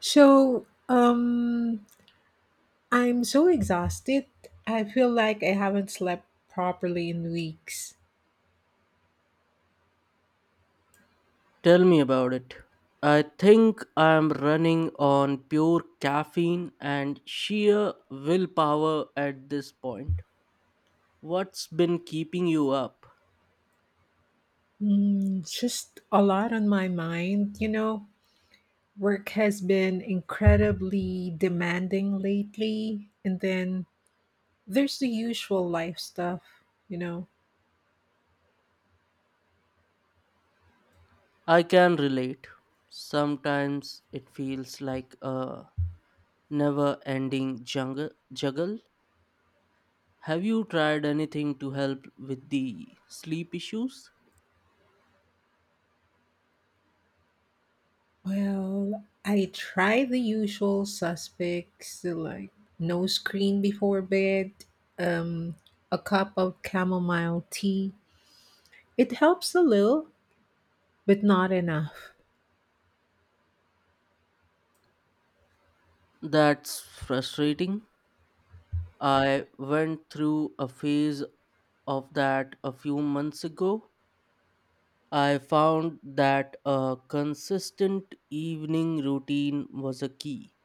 So, um, I'm so exhausted. I feel like I haven't slept properly in weeks. Tell me about it. I think I am running on pure caffeine and sheer willpower at this point. What's been keeping you up? Just a lot on my mind, Work has been incredibly demanding lately, and then there's the usual life stuff, you know. I can relate. Sometimes it feels like a never ending juggle. Have you tried anything to help with the sleep issues? Well, I try the usual suspects like no screen before bed, um, a cup of chamomile tea. It helps a little, but not enough. That's frustrating. I went through a phase of that a few months ago. I found that a consistent evening routine was a key.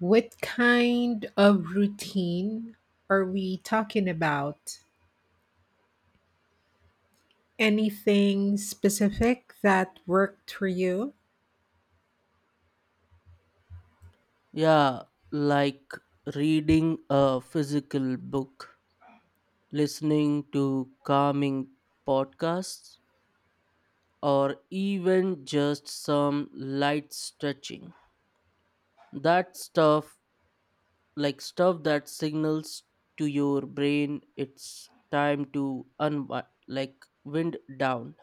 What kind of routine are we talking about? Anything specific that worked for you? Yeah, like reading a physical book, listening to calming podcasts, or even just some light stretching. That stuff, like stuff that signals to your brain it's time to unwind, like wind down.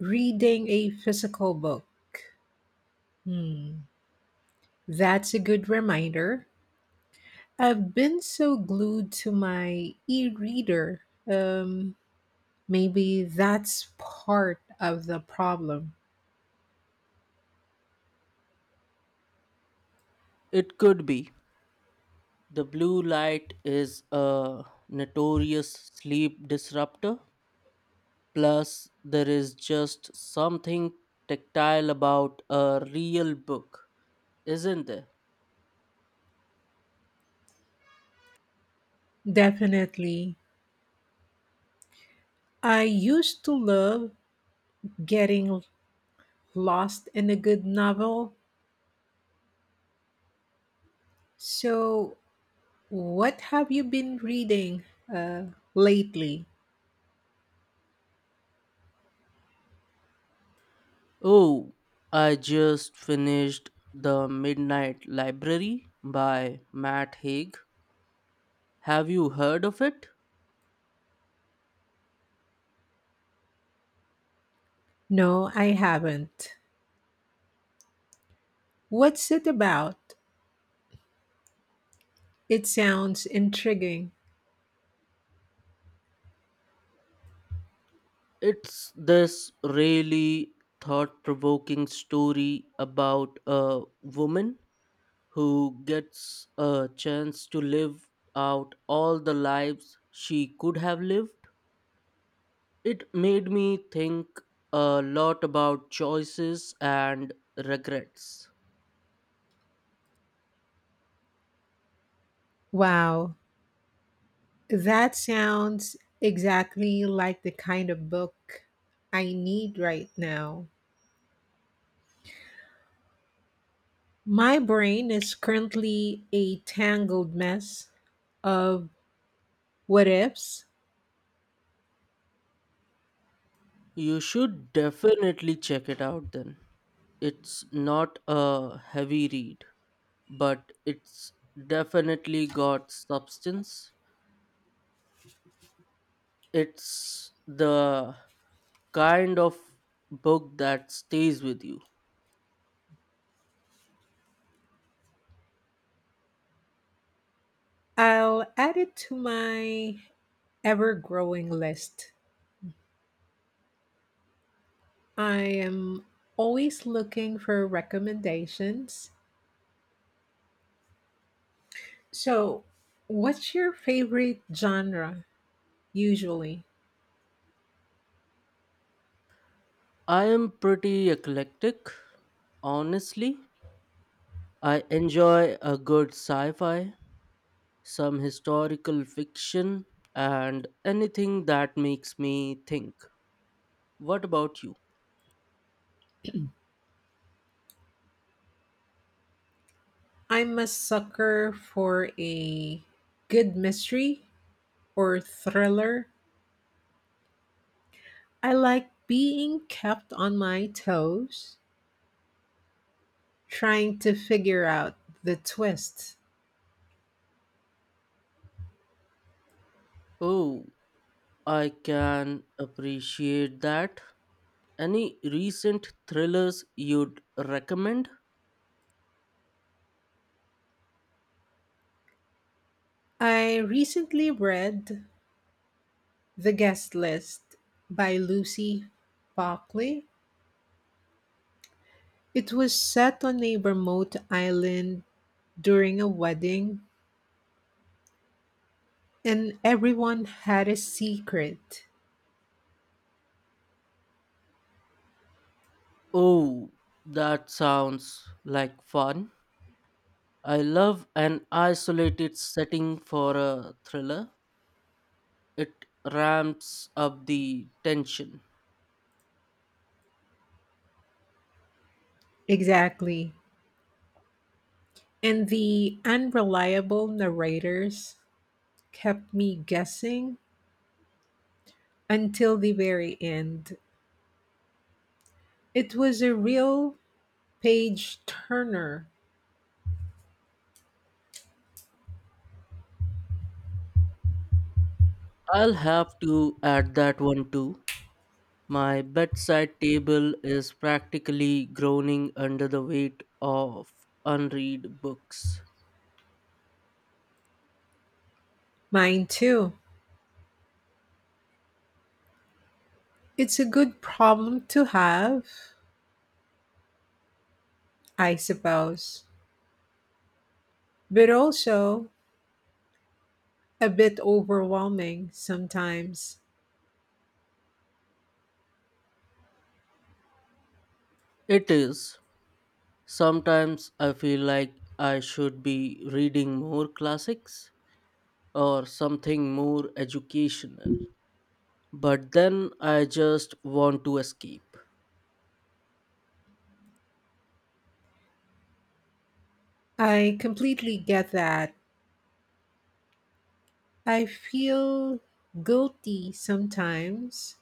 Reading a physical book. Hmm, that's a good reminder. I've been so glued to my e reader. Um, maybe that's part of the problem. It could be The blue light is a notorious sleep disruptor. Plus, there is just something tactile about a real book, isn't there? Definitely. I used to love getting lost in a good novel. So, what have you been reading uh, lately? Oh, I just finished The Midnight Library by Matt Haig. Have you heard of it? No, I haven't. What's it about? It sounds intriguing. It's this really thought provoking story about a woman who gets a chance to live out all the lives she could have lived. It made me think a lot about choices and regrets. Wow, that sounds exactly like the kind of book I need right now. My brain is currently a tangled mess of what ifs. You should definitely check it out then. It's not a heavy read, but it's definitely got substance. It's the kind of book that stays with you. I'll add it to my ever growing list. I am always looking for recommendations. So, what's your favorite genre usually? I am pretty eclectic, honestly. I enjoy a good sci fi, some historical fiction, and anything that makes me think. What about you? I'm a sucker for a good mystery or thriller. I like being kept on my toes, trying to figure out the twist. Oh, I can appreciate that. Any recent thrillers you'd recommend? I recently read The Guest List by Lucy Buckley. It was set on a remote island during a wedding and everyone had a secret. Oh, that sounds like fun. I love an isolated setting for a thriller. It ramps up the tension. Exactly. And the unreliable narrators kept me guessing until the very end. It was a real page turner. I'll have to add that one too. My bedside table is practically groaning under the weight of unread books. Mine too. It's a good problem to have, I suppose, but also a bit overwhelming sometimes. It is. Sometimes I feel like I should be reading more classics or something more educational, but then I just want to escape. I completely get that. I feel guilty sometimes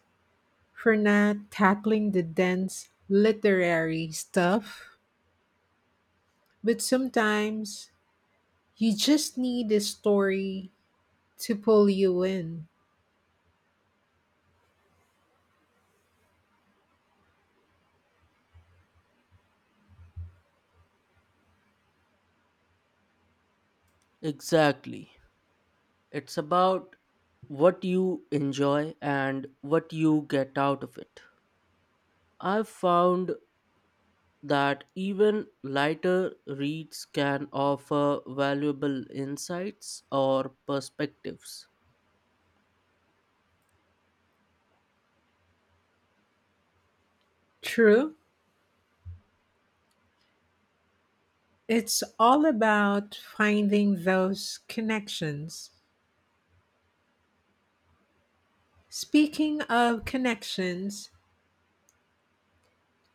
for not tackling the dense literary stuff, but sometimes you just need a story to pull you in. Exactly. It's about what you enjoy and what you get out of it. I've found that even lighter reads can offer valuable insights or perspectives. True. It's all about finding those connections. Speaking of connections,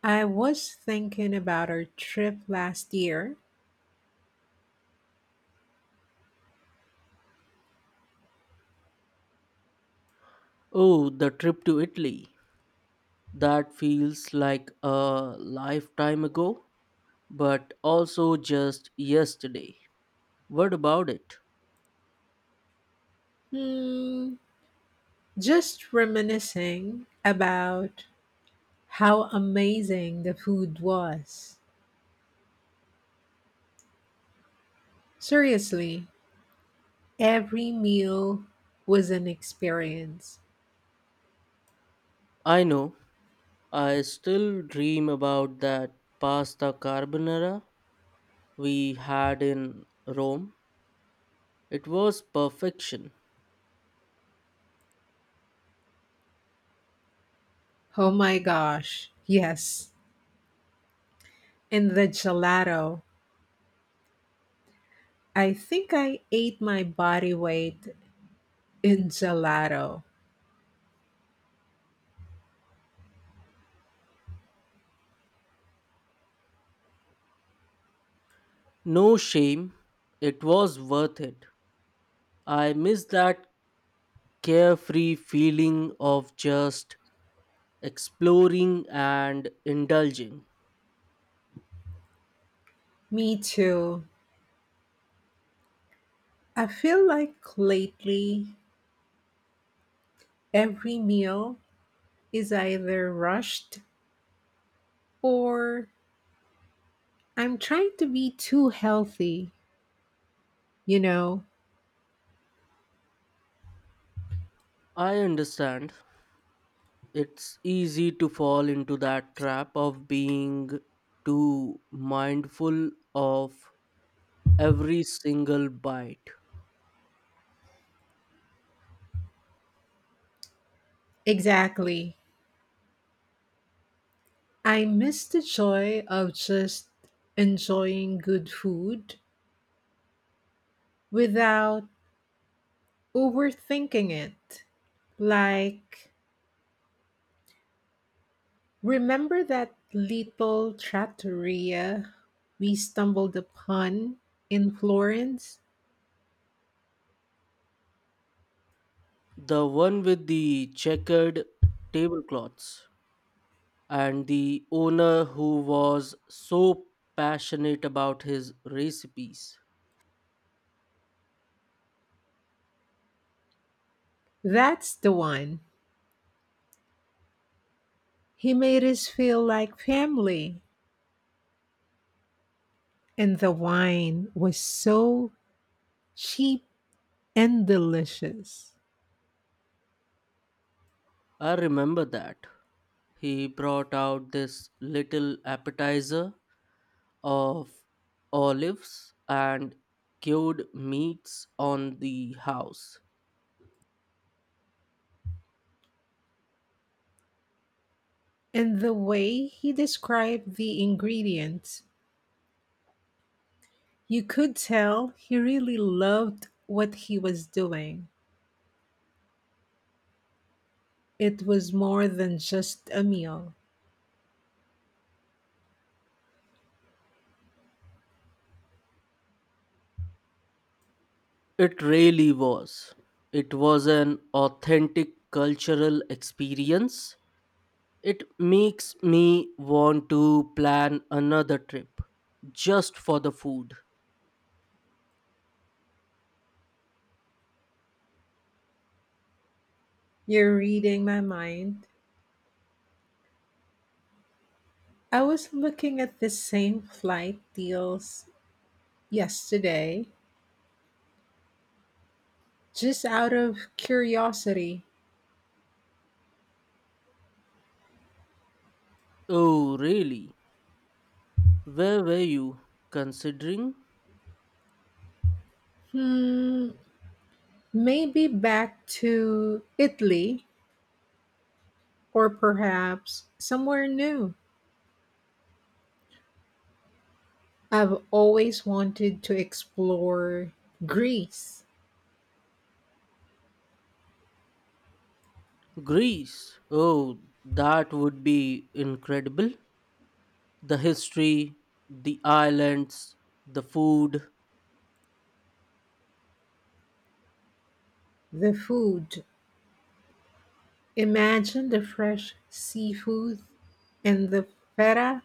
I was thinking about our trip last year. Oh, the trip to Italy. That feels like a lifetime ago, but also just yesterday. What about it? Hmm, just reminiscing about how amazing the food was! Seriously, every meal was an experience. I know, I still dream about that pasta carbonara we had in Rome. It was perfection. Oh my gosh, yes. And the gelato. I think I ate my body weight in gelato. No shame. It was worth it. I miss that carefree feeling of just exploring and indulging. Me too. I feel like lately every meal is either rushed or I'm trying to be too healthy, you know? I understand. It's easy to fall into that trap of being too mindful of every single bite. Exactly. I miss the joy of just enjoying good food without overthinking it. Like, remember that little trattoria we stumbled upon in Florence? The one with the checkered tablecloths. And the owner who was so passionate about his recipes. That's the one. He made us feel like family, and the wine was so cheap and delicious. I remember that. He brought out this little appetizer of olives and cured meats on the house. And the way he described the ingredients, you could tell he really loved what he was doing. It was more than just a meal. It really was. It was an authentic cultural experience. It makes me want to plan another trip just for the food. You're reading my mind. I was looking at the same flight deals yesterday, just out of curiosity. Oh, really? Where were you considering? Hmm, maybe back to Italy or perhaps somewhere new. I've always wanted to explore Greece. Greece. Oh, that would be incredible. The history, the islands, the food. The food. Imagine the fresh seafood and the feta.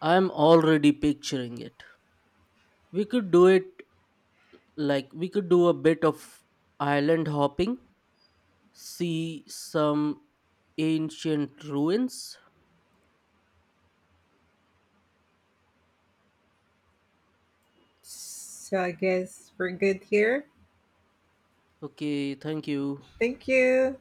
I'm already picturing it. We could do it like we could do a bit of island hopping, see some ancient ruins. So I guess we're good here. Okay, thank you. Thank you.